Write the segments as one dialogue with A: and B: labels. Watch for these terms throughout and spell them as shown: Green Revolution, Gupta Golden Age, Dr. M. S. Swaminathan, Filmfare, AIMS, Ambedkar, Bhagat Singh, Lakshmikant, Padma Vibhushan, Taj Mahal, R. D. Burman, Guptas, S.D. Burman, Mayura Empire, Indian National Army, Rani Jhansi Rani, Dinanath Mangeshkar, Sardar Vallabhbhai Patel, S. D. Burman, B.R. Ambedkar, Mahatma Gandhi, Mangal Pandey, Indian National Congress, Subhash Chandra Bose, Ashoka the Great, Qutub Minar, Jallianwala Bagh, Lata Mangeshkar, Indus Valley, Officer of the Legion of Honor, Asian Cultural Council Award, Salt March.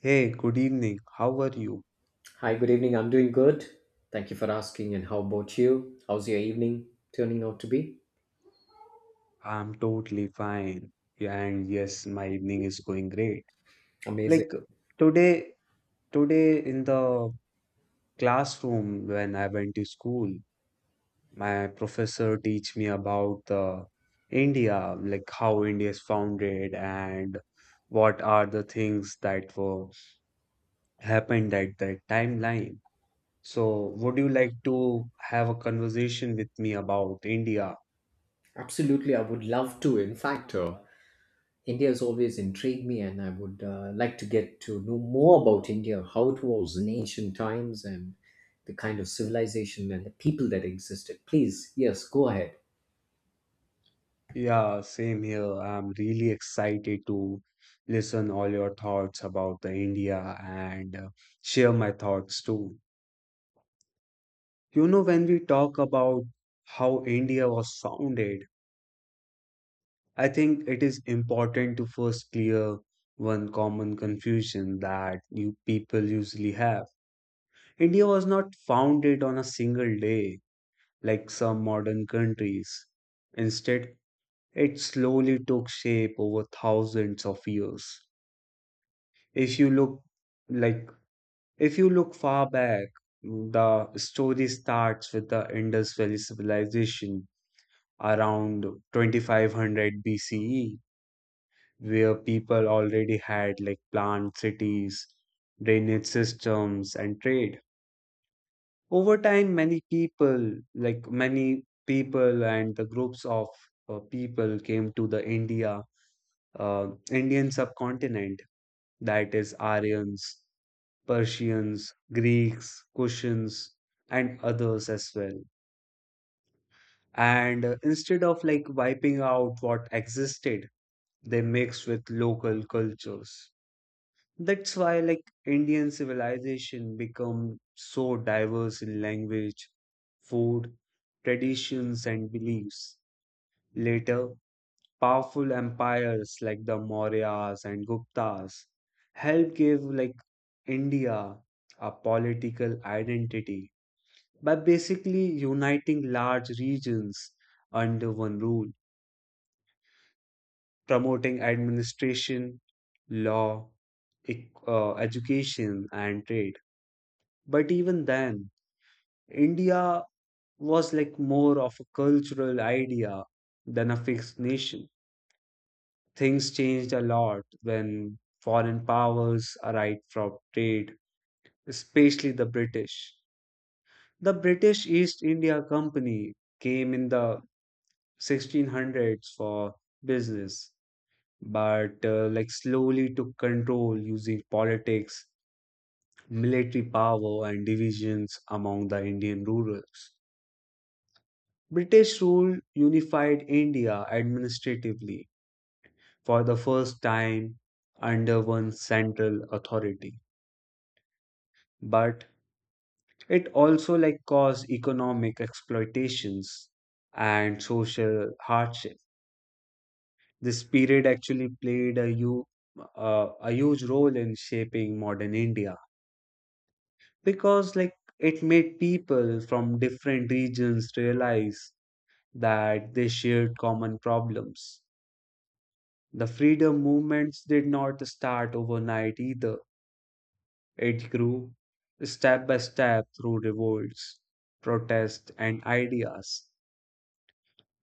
A: Hey, good evening. How are you?
B: Hi, good evening. I'm doing good. Thank you for asking. And how about you? How's your evening turning out to be?
A: I'm totally fine. Yeah, and yes, my evening is going great.
B: Amazing.
A: Like today, today in the classroom when I went to school, my professor teach me about the India, like how India is founded and what are the things that were happened at that timeline. So, would you like to have a conversation with me about India?
B: Absolutely. I would love to. In fact, India has always intrigued me, and I would like to get to know more about India, how it was in ancient times, and the kind of civilization and the people that existed. Please, yes, go ahead.
A: Yeah, same here. I'm really excited to listen all your thoughts about the India and share my thoughts too. You know, when we talk about how India was founded, I think it is important to first clear one common confusion that you people usually have. India was not founded on a single day like some modern countries. Instead, it slowly took shape over thousands of years. If you look like if you look far back, the story starts with the Indus Valley civilization around 2500 BCE, where people already had like planned cities, drainage systems, and trade. Over time, many people, like many people and the groups of people, came to the Indian subcontinent, that is Aryans, Persians, Greeks, Kushans, and others as well. And instead of like wiping out what existed, they mixed with local cultures. That's why like Indian civilization become so diverse in language, food, traditions, and beliefs. Later, powerful empires like the Mauryas and Guptas helped give like India a political identity by basically uniting large regions under one rule, promoting administration, law, education, and trade. But even then, India was like more of a cultural idea than a fixed nation. Things changed a lot when foreign powers arrived from trade, especially the British. The British East India Company came in the 1600s for business, but like slowly took control using politics, military power, and divisions among the Indian rurals. British rule unified India administratively for the first time under one central authority, but it also like caused economic exploitations and social hardship. This period actually played a, u- uh, a huge role in shaping modern India because, like, it made people from different regions realize that they shared common problems. The freedom movements did not start overnight either, it grew step by step through revolts, protests, and ideas.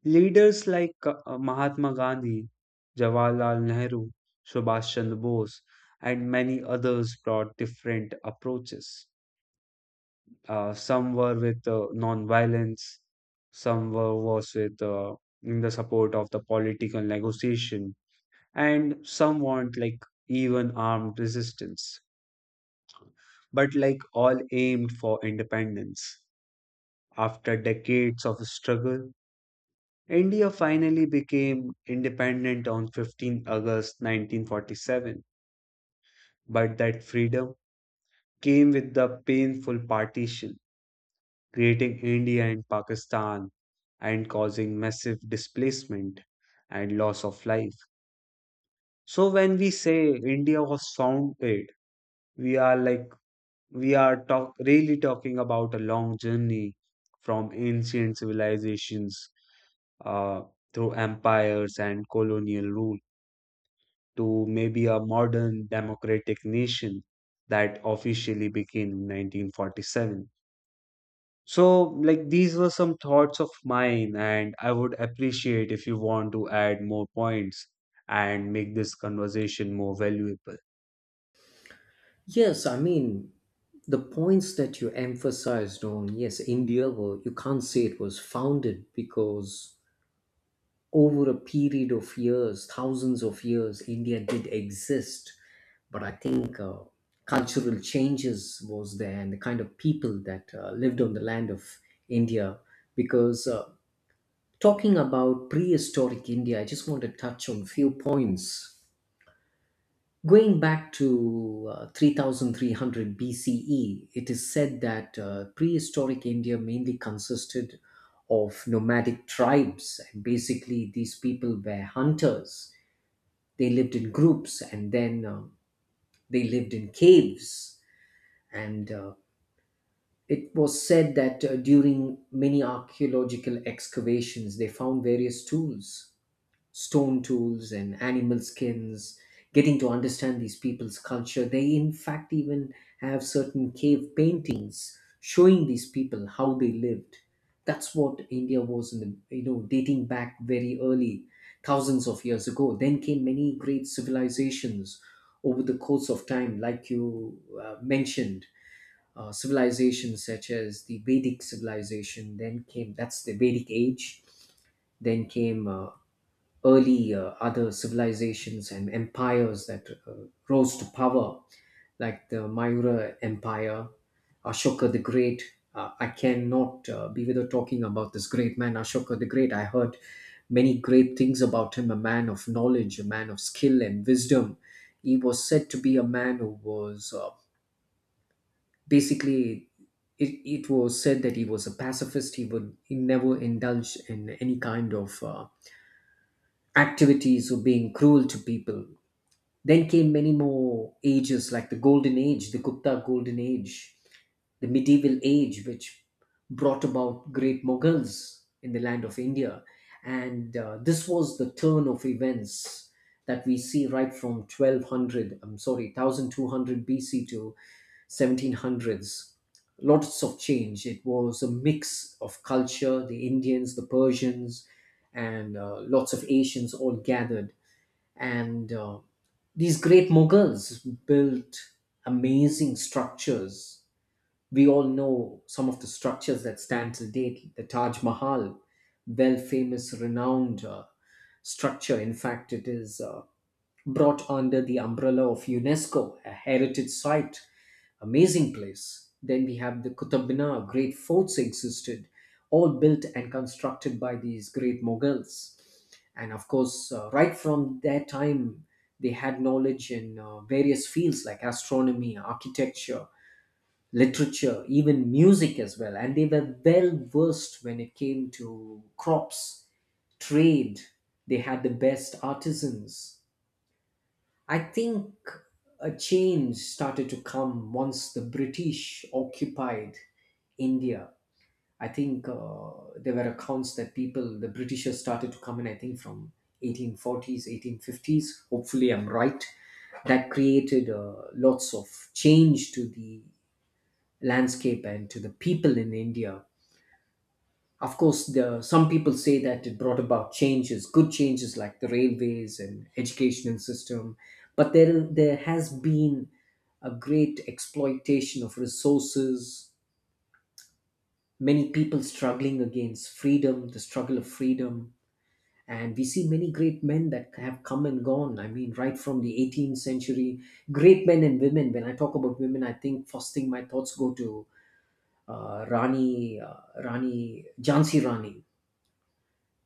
A: Leaders like Mahatma Gandhi, Jawaharlal Nehru, Subhash Chandra Bose, and many others brought different approaches. Some were with non-violence, some were was with in the support of the political negotiation, and some want like even armed resistance. But like all aimed for independence. After decades of struggle, India finally became independent on 15 August 1947, but that freedom came with the painful partition, creating India and Pakistan and causing massive displacement and loss of life. So when we say India was founded, we are like we are really talking about a long journey from ancient civilizations uh, through empires and colonial rule to maybe a modern democratic nation that officially began in 1947. So, like, these were some thoughts of mine, and I would appreciate if you want to add more points and make this conversation more valuable.
B: Yes, I mean, the points that you emphasized on, yes, India, well, you can't say it was founded because over a period of years, thousands of years, India did exist. But I think cultural changes was there and the kind of people that lived on the land of India. Because talking about prehistoric India, I just want to touch on few points. Going back to 3300 BCE, it is said that prehistoric India mainly consisted of nomadic tribes. And basically, these people were hunters. They lived in groups, and then they lived in caves. And it was said that during many archaeological excavations, they found various tools, stone tools and animal skins, getting to understand these people's culture. They, in fact, even have certain cave paintings showing these people how they lived. That's what India was in the dating back very early, thousands of years ago. Then came many great civilizations over the course of time, like you mentioned. Civilizations such as the Vedic civilization, then came that's the Vedic age, then came early other civilizations and empires that rose to power, like the Mayura Empire, Ashoka the Great. I cannot be without talking about this great man, Ashoka the Great. I heard many great things about him, a man of knowledge, a man of skill and wisdom. He was said to be a man who was basically. It was said that he was a pacifist. He never indulged in any kind of activities were being cruel to people. Then came many more ages like the Golden Age, the Gupta Golden Age, the medieval age, which brought about great Mughals in the land of India. And this was the turn of events that we see right from 1200, I'm sorry, 1200 BC to 1700s. Lots of change. It was a mix of culture, the Indians, the Persians, and lots of Asians all gathered. And these great Mughals built amazing structures. We all know some of the structures that stand till date. The Taj Mahal, well famous, renowned structure. In fact, it is brought under the umbrella of UNESCO, a heritage site. Amazing place. Then we have the Qutub Minar. Great forts existed, all built and constructed by these great Mughals. And of course, right from their time, they had knowledge in various fields like astronomy, architecture, literature, even music as well. And they were well versed when it came to crops, trade. They had the best artisans. I think a change started to come once the British occupied India. I think there were accounts that people, the Britishers started to come in, I think, from 1840s, 1850s. Hopefully, I'm right. That created lots of change to the landscape and to the people in India. Of course, the, some people say that it brought about changes, good changes like the railways and educational system, but there has been a great exploitation of resources. Many people struggling against freedom, the struggle of freedom, and we see many great men that have come and gone. I mean, right from the 18th century, great men and women. When I talk about women, I think first thing my thoughts go to uh, Rani, uh, Jhansi Rani,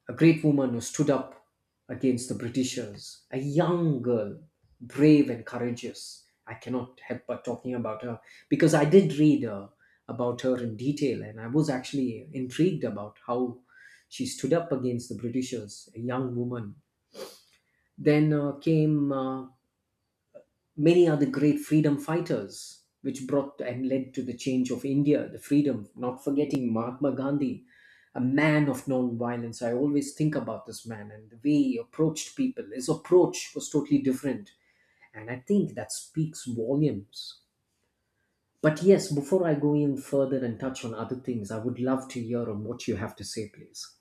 B: a great woman who stood up against the Britishers, a young girl, brave and courageous. I cannot help but talking about her because I did read about her in detail, and I was actually intrigued about how she stood up against the Britishers, a young woman. Then came many are the great freedom fighters, which brought and led to the change of India, the freedom, not forgetting Mahatma Gandhi, a man of non-violence. I always think about this man and the way he approached people. His approach was totally different. And I think that speaks volumes. But yes, before I go even further and touch on other things, I would love to hear on what you have to say, please.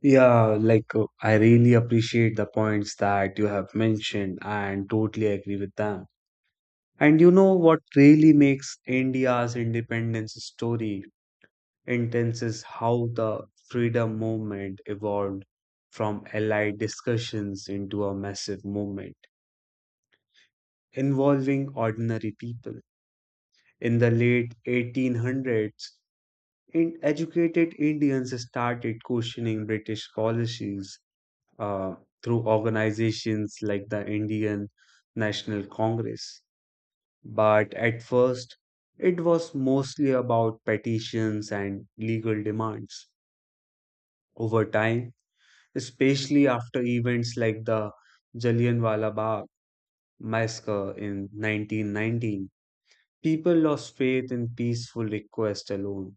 A: Yeah, like, I really appreciate the points that you have mentioned and totally agree with them. And you know what really makes India's independence story intense is how the freedom movement evolved from allied discussions into a massive movement involving ordinary people. In the late 1800s, in educated Indians started questioning British policies uh, through organizations like the Indian National Congress. But at first, it was mostly about petitions and legal demands. Over time, especially after events like the Jallianwala Bagh massacre in 1919. People lost faith in peaceful request alone,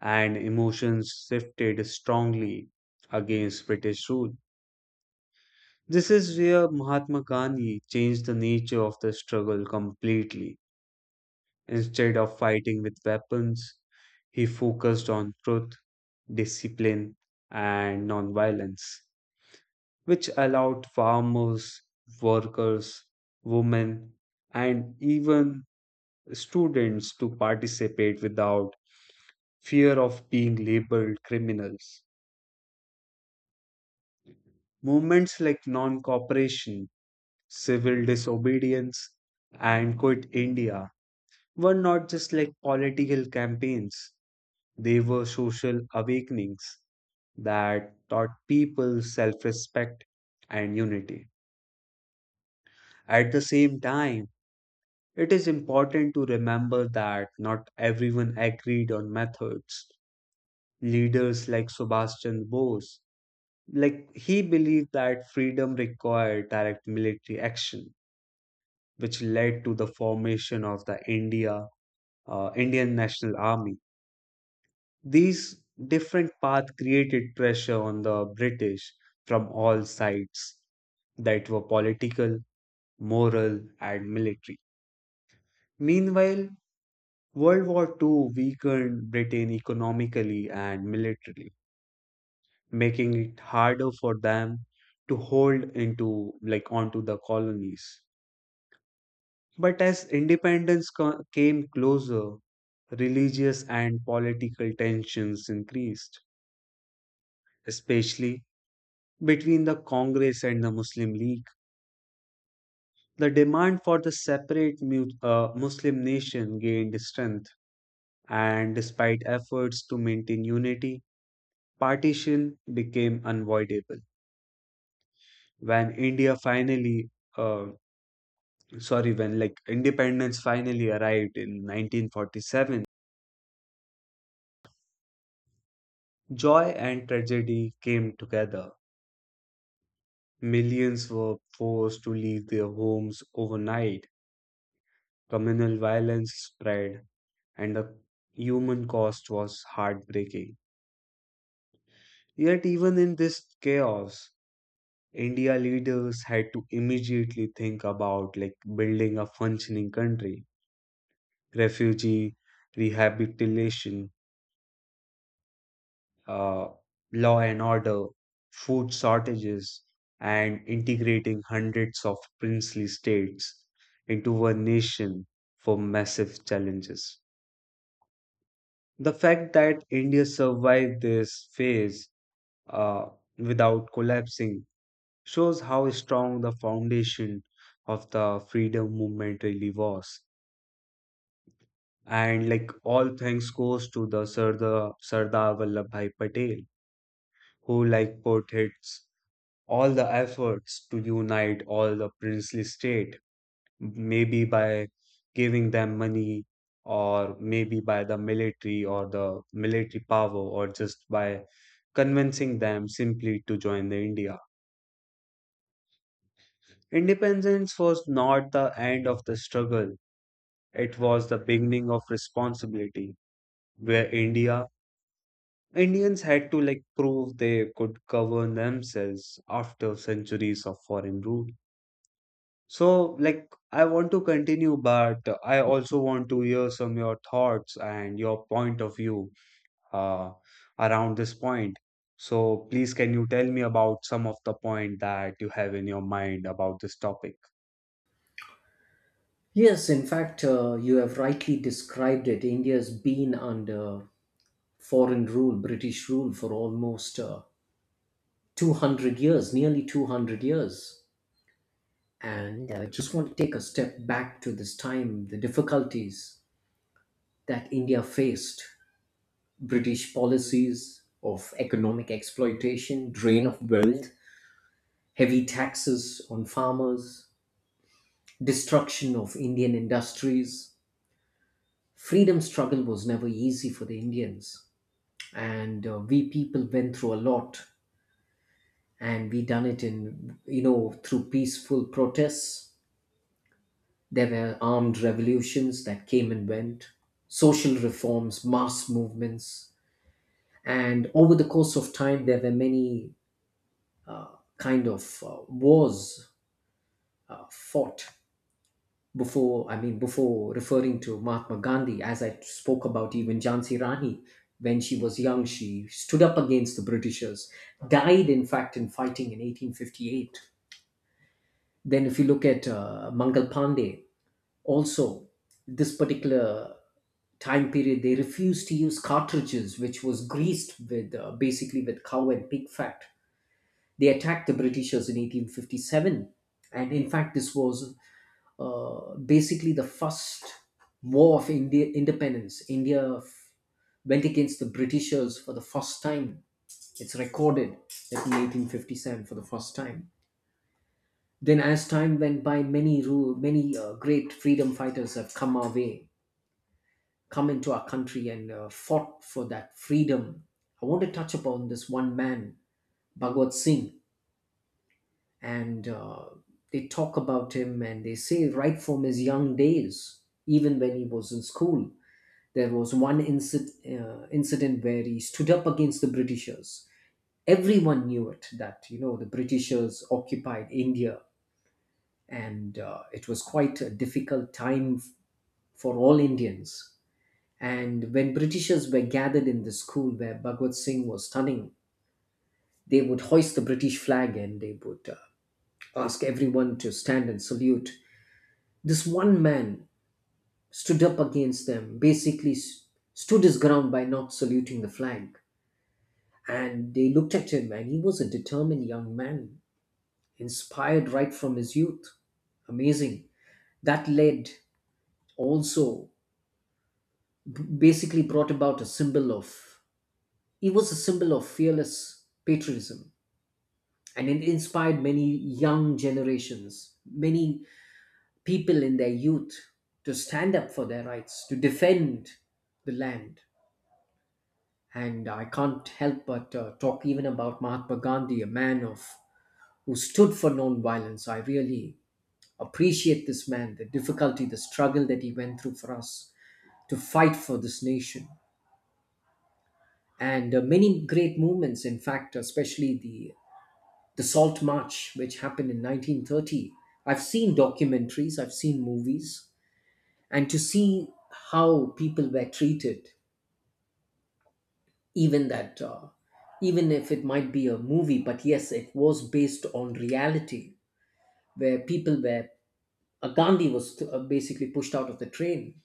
A: and emotions shifted strongly against British rule. This is where Mahatma Gandhi changed the nature of the struggle completely. Instead of fighting with weapons, he focused on truth, discipline, and nonviolence, which allowed farmers, workers, women, and even students to participate without fear of being labeled criminals. Movements like non cooperation, civil disobedience, and Quit India were not just like political campaigns, they were social awakenings that taught people self respect and unity. At the same time, it is important to remember that not everyone agreed on methods. Leaders like Subhash Chandra Bose, like he believed that freedom required direct military action, which led to the formation of the Indian National Army. These different paths created pressure on the British from all sides that were political, moral, and military. Meanwhile, World War II weakened Britain economically and militarily, making it harder for them to hold into like onto the colonies. But as independence came closer, religious and political tensions increased, especially between the Congress and the Muslim League. The demand for the separate Muslim nation gained strength, and despite efforts to maintain unity, partition became unavoidable. When India finally, uh, when independence finally arrived in 1947, joy and tragedy came together. Millions were forced to leave their homes overnight, communal violence spread, and the human cost was heartbreaking. Yet, even in this chaos, India leaders had to immediately think about like building a functioning country. Refugee rehabilitation, uh, law and order, food shortages, and integrating hundreds of princely states into one nation for massive challenges. The fact that India survived this phase uh, without collapsing shows how strong the foundation of the freedom movement really was. And like all thanks goes to the Sardar, Sardar Vallabhbhai Patel who like portraits all the efforts to unite all the princely state, maybe by giving them money or maybe by the military or the military power or just by convincing them simply to join the India. Independence was not the end of the struggle. It was the beginning of responsibility where Indians had to like prove they could govern themselves after centuries of foreign rule. So, like, I want to continue, but I also want to hear some your thoughts and your point of view uh, around this point. So, please, can you tell me about some of the point that you have in your mind about this topic?
B: Yes, in fact, you have rightly described it. India has been under foreign rule, British rule, for almost 200 years, nearly 200 years. And I just want to take a step back to this time, the difficulties that India faced, British policies of economic exploitation, drain of wealth, heavy taxes on farmers, destruction of Indian industries. Freedom struggle was never easy for the Indians. And we people went through a lot, and we done it in, through peaceful protests. There were armed revolutions that came and went, social reforms, mass movements, and over the course of time, there were many kind of wars fought. Before, I mean, before referring to Mahatma Gandhi, as I spoke about even Jhansi Rani, when she was young, she stood up against the Britishers, died in fact in fighting in 1858. Then, if you look at Mangal Pandey, also, this particular time period, they refused to use cartridges, which was greased with basically with cow and pig fat. They attacked the Britishers in 1857, and in fact, this was basically the first war of India independence. India went against the Britishers for the first time. It's recorded that in 1857 for the first time. Then, as time went by, many ru- many great freedom fighters have come our way, come into our country, and fought for that freedom. I want to touch upon this one man, Bhagat Singh, and they talk about him, and they say, right from his young days, even when he was in school, there was one incident where he stood up against the Britishers. Everyone knew it that, the Britishers occupied India, and it was quite a difficult time for all Indians. And when Britishers were gathered in the school where Bhagwat Singh was studying, they would hoist the British flag, and they would ask everyone to stand and salute. This one man stood up against them, basically stood his ground by not saluting the flag. And they looked at him, and he was a determined young man, inspired right from his youth. Amazing. That led also, basically brought about a symbol of, he was a symbol of fearless patriotism, and it inspired many young generations, many people in their youth, to stand up for their rights, to defend the land. And I can't help but talk even about Mahatma Gandhi, a man of who stood for non-violence. I really appreciate this man, the difficulty, the struggle that he went through for us to fight for this nation. And many great movements, in fact, especially the Salt March, which happened in 1930. I've seen documentaries, I've seen movies, and to see how people were treated, even that, even if it might be a movie, but yes, it was based on reality, where people were, Gandhi was basically pushed out of the train,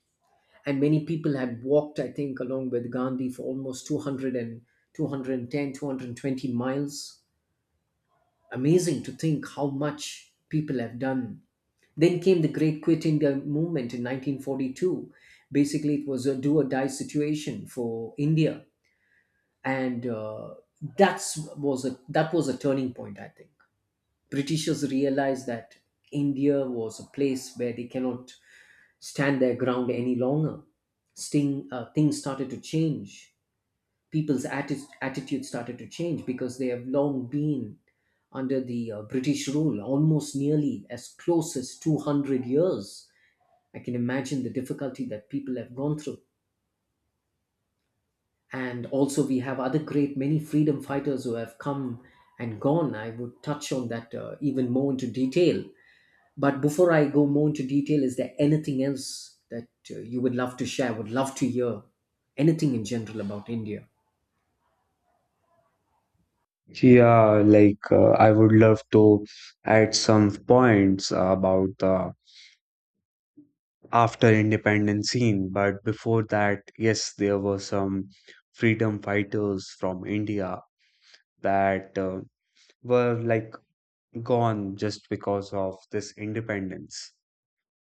B: and many people had walked, I think, along with Gandhi for almost 200 and 210, 220 miles. Amazing to think how much people have done. Then came the Great Quit India movement in 1942. Basically, it was a do or die situation for India, and that was a turning point. I think Britishers realized that India was a place where they cannot stand their ground any longer. Things started to change. People's attitude started to change because they have long been under the British rule, almost nearly as close as 200 years. I can imagine the difficulty that people have gone through. And also, we have other great many freedom fighters who have come and gone. I would touch on that even more into detail. But before I go more into detail, is there anything else that you would love to share? Would love to hear anything in general about India.
A: Yeah, like I would love to add some points about the after independence scene, but before that, yes, there were some freedom fighters from India that were like gone just because of this independence.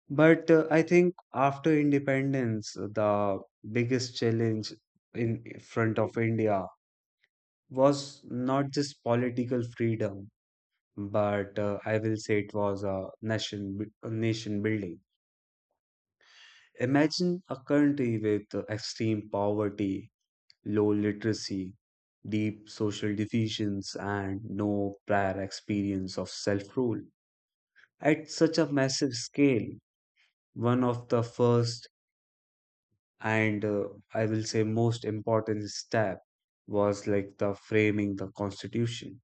A: But I think after independence, the biggest challenge in front of India was not just political freedom, but I will say it was a nation building. Imagine a country with extreme poverty, low literacy, deep social divisions, and no prior experience of self-rule at such a massive scale. One of the first and I will say most important step was like the framing the constitution,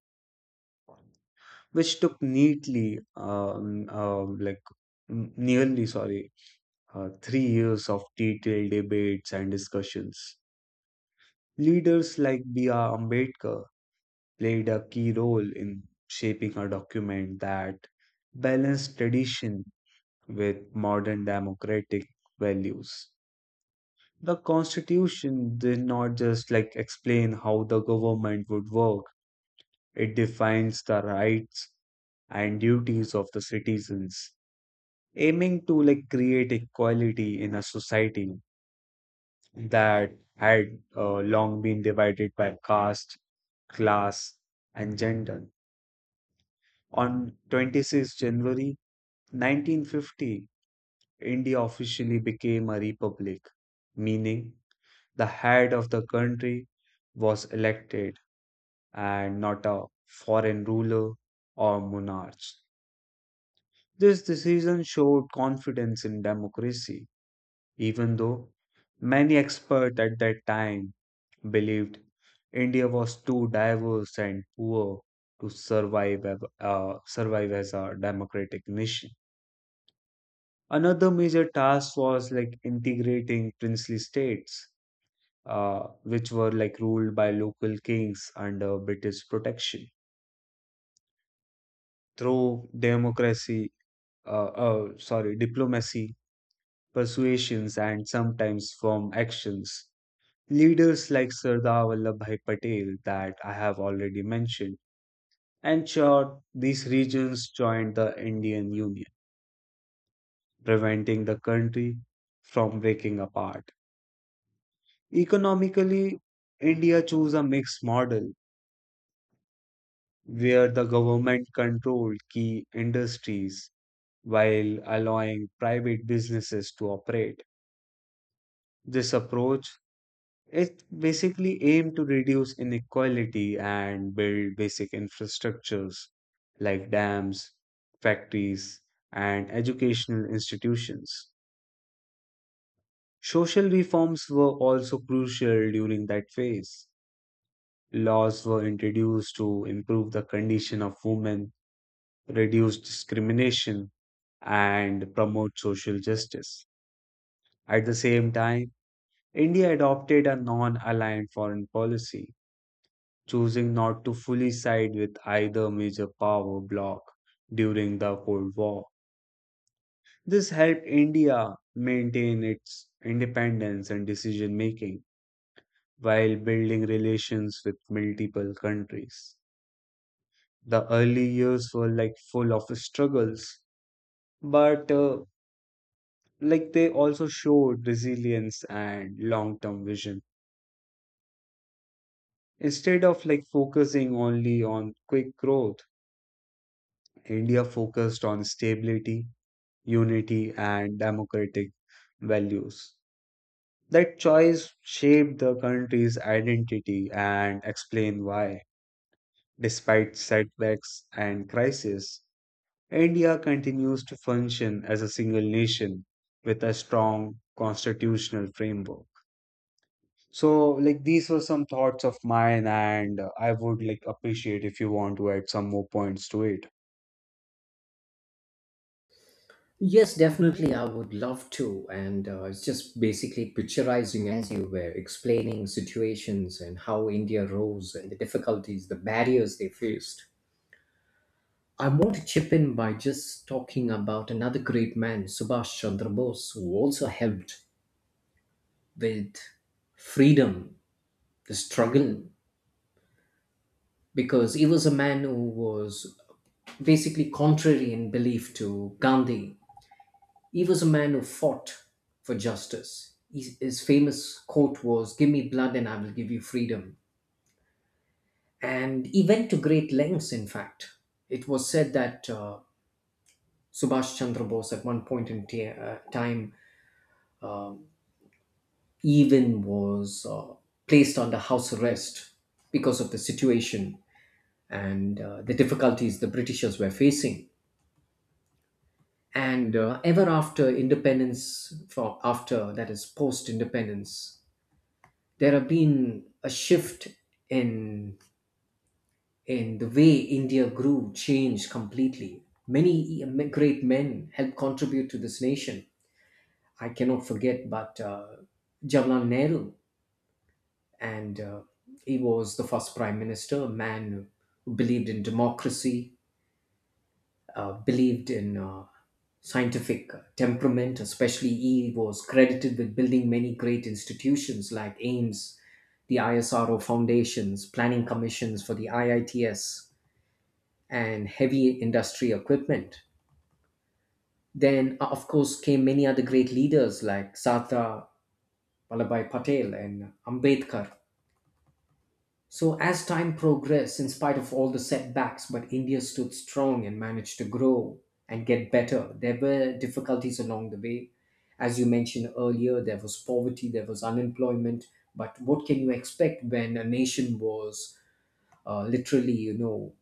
A: which took neatly like n- nearly sorry 3 years of detailed debates and discussions. Leaders like B.R. Ambedkar played a key role in shaping a document that balanced tradition with modern democratic values. The Constitution did not just like explain how the government would work, it defines the rights and duties of the citizens, aiming to like create equality in a society that had long been divided by caste, class, and gender. On 26 January 1950, India officially became a republic, meaning the head of the country was elected and not a foreign ruler or monarch. This decision showed confidence in democracy, even though many experts at that time believed India was too diverse and poor to survive as a democratic nation. Another major task was like integrating princely states, which were like ruled by local kings under British protection. Through diplomacy, persuasions, and sometimes firm actions. Leaders like Sardar Vallabhbhai Patel, that I have already mentioned, ensured these regions joined the Indian Union, preventing the country from breaking apart. Economically, India chose a mixed model where the government controlled key industries while allowing private businesses to operate. This approach it's basically aimed to reduce inequality and build basic infrastructures like dams, factories, and educational institutions. Social reforms were also crucial during that phase. Laws were introduced to improve the condition of women, reduce discrimination, and promote social justice. At the same time, India adopted a non aligned foreign policy choosing not to fully side with either major power bloc during the Cold War. This helped India maintain its independence and decision making while building relations with multiple countries. The early years were like full of struggles, but like they also showed resilience and long term vision. Instead of like focusing only on quick growth, India focused on stability, unity, and democratic values. That choice shaped the country's identity and explain why, despite setbacks and crises, India continues to function as a single nation with a strong constitutional framework. So, like these were some thoughts of mine, and I would like appreciate if you want to add some more points to it.
B: Yes, definitely. I would love to. And it's just basically picturizing as you were explaining situations and how India rose and the difficulties, the barriers they faced. I want to chip in by just talking about another great man, Subhash Chandra Bose, who also helped with freedom, the struggle, because he was a man who was basically contrary in belief to Gandhi. He was a man who fought for justice. His famous quote was, "Give me blood and I will give you freedom." And he went to great lengths, in fact. It was said that Subhash Chandra Bose, at one point in time, uh, even was placed under house arrest because of the situation and the difficulties the Britishers were facing. And ever after independence, from after that is post independence, there have been a shift in in the way India grew, changed completely. Many great men helped contribute to this nation. I cannot forget, but Jawaharlal Nehru, and he was the first prime minister, a man who believed in democracy, believed in scientific temperament. Especially, he was credited with building many great institutions like AIMS, the ISRO foundations, planning commissions for the IITS, and heavy industry equipment. Then, of course, came many other great leaders like Sardar Vallabhbhai Patel and Ambedkar. So, as time progressed, in spite of all the setbacks, but India stood strong and managed to grow and get better. There were difficulties along the way. As you mentioned earlier, there was poverty, there was unemployment. But what can you expect when a nation was literally,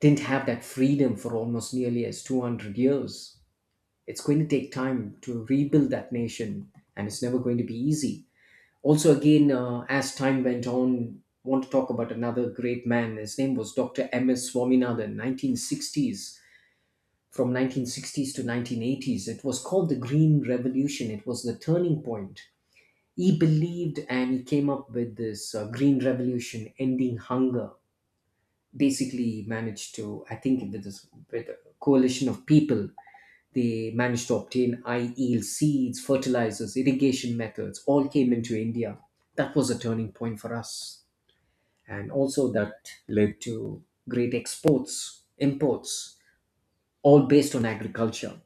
B: didn't have that freedom for almost nearly as 200 years? It's going to take time to rebuild that nation, and it's never going to be easy. Also, again, as time went on, want to talk about another great man. His name was Dr. M. S. Swaminathan, 1960s. From 1960s to 1980s, it was called the Green Revolution. It was the turning point. He believed and he came up with this Green Revolution, ending hunger. Basically, he managed to, I think, with, this, with a coalition of people, they managed to obtain high yield seeds, fertilizers, irrigation methods, all came into India. That was a turning point for us. And also, that led to great exports, imports, all based on agriculture.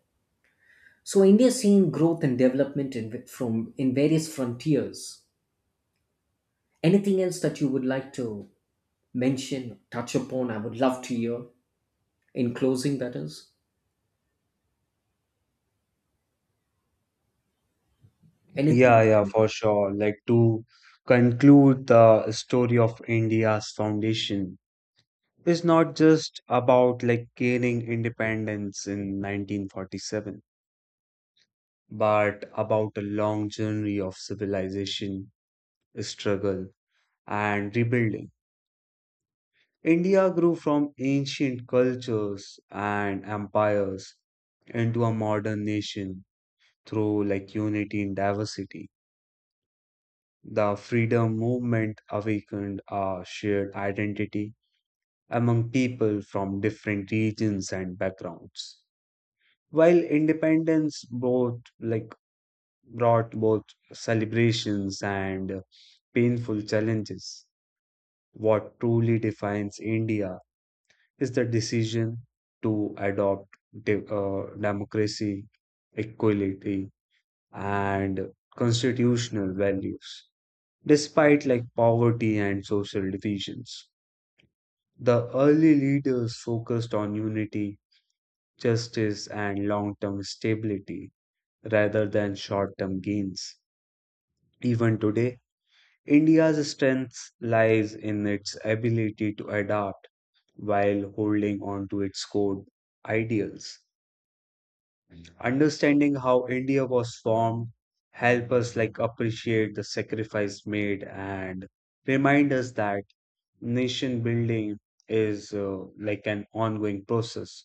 B: So, India is seeing growth and development in, from, in various frontiers. Anything else that you would like to mention, touch upon, I would love to hear. In closing, that is.
A: Yeah,
B: Anything.
A: yeah, for sure. Like to conclude, the story of India's foundation is not just about like gaining independence in 1947, but about a long journey of civilization, struggle, and rebuilding. India grew from ancient cultures and empires into a modern nation through like unity and diversity. The freedom movement awakened a shared identity among people from different regions and backgrounds. While independence both like brought both celebrations and painful challenges, what truly defines India is the decision to adopt democracy, equality, and constitutional values, despite like poverty and social divisions. The early leaders focused on unity, justice, and long term stability rather than short term gains. Even today, India's strength lies in its ability to adapt while holding on to its core ideals. Understanding how India was formed help us like appreciate the sacrifice made and remind us that nation building is like an ongoing process,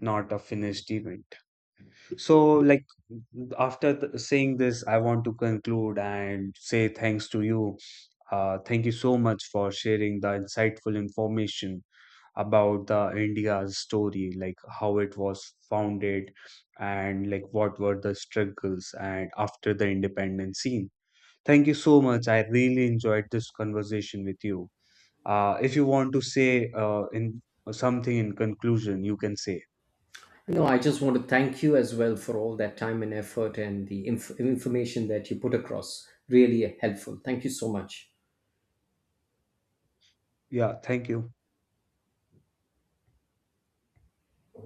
A: not a finished event. So like after saying this, I want to conclude and say thanks to you. Thank you so much for sharing the insightful information about the India's story, like how it was founded and like what were the struggles and after the independence scene. Thank you so much. I really enjoyed this conversation with you. If you want to say in something in conclusion, you can say.
B: No, I just want to thank you as well for all that time and effort and the information that you put across. Really helpful. Thank you so much.
A: Yeah, thank you.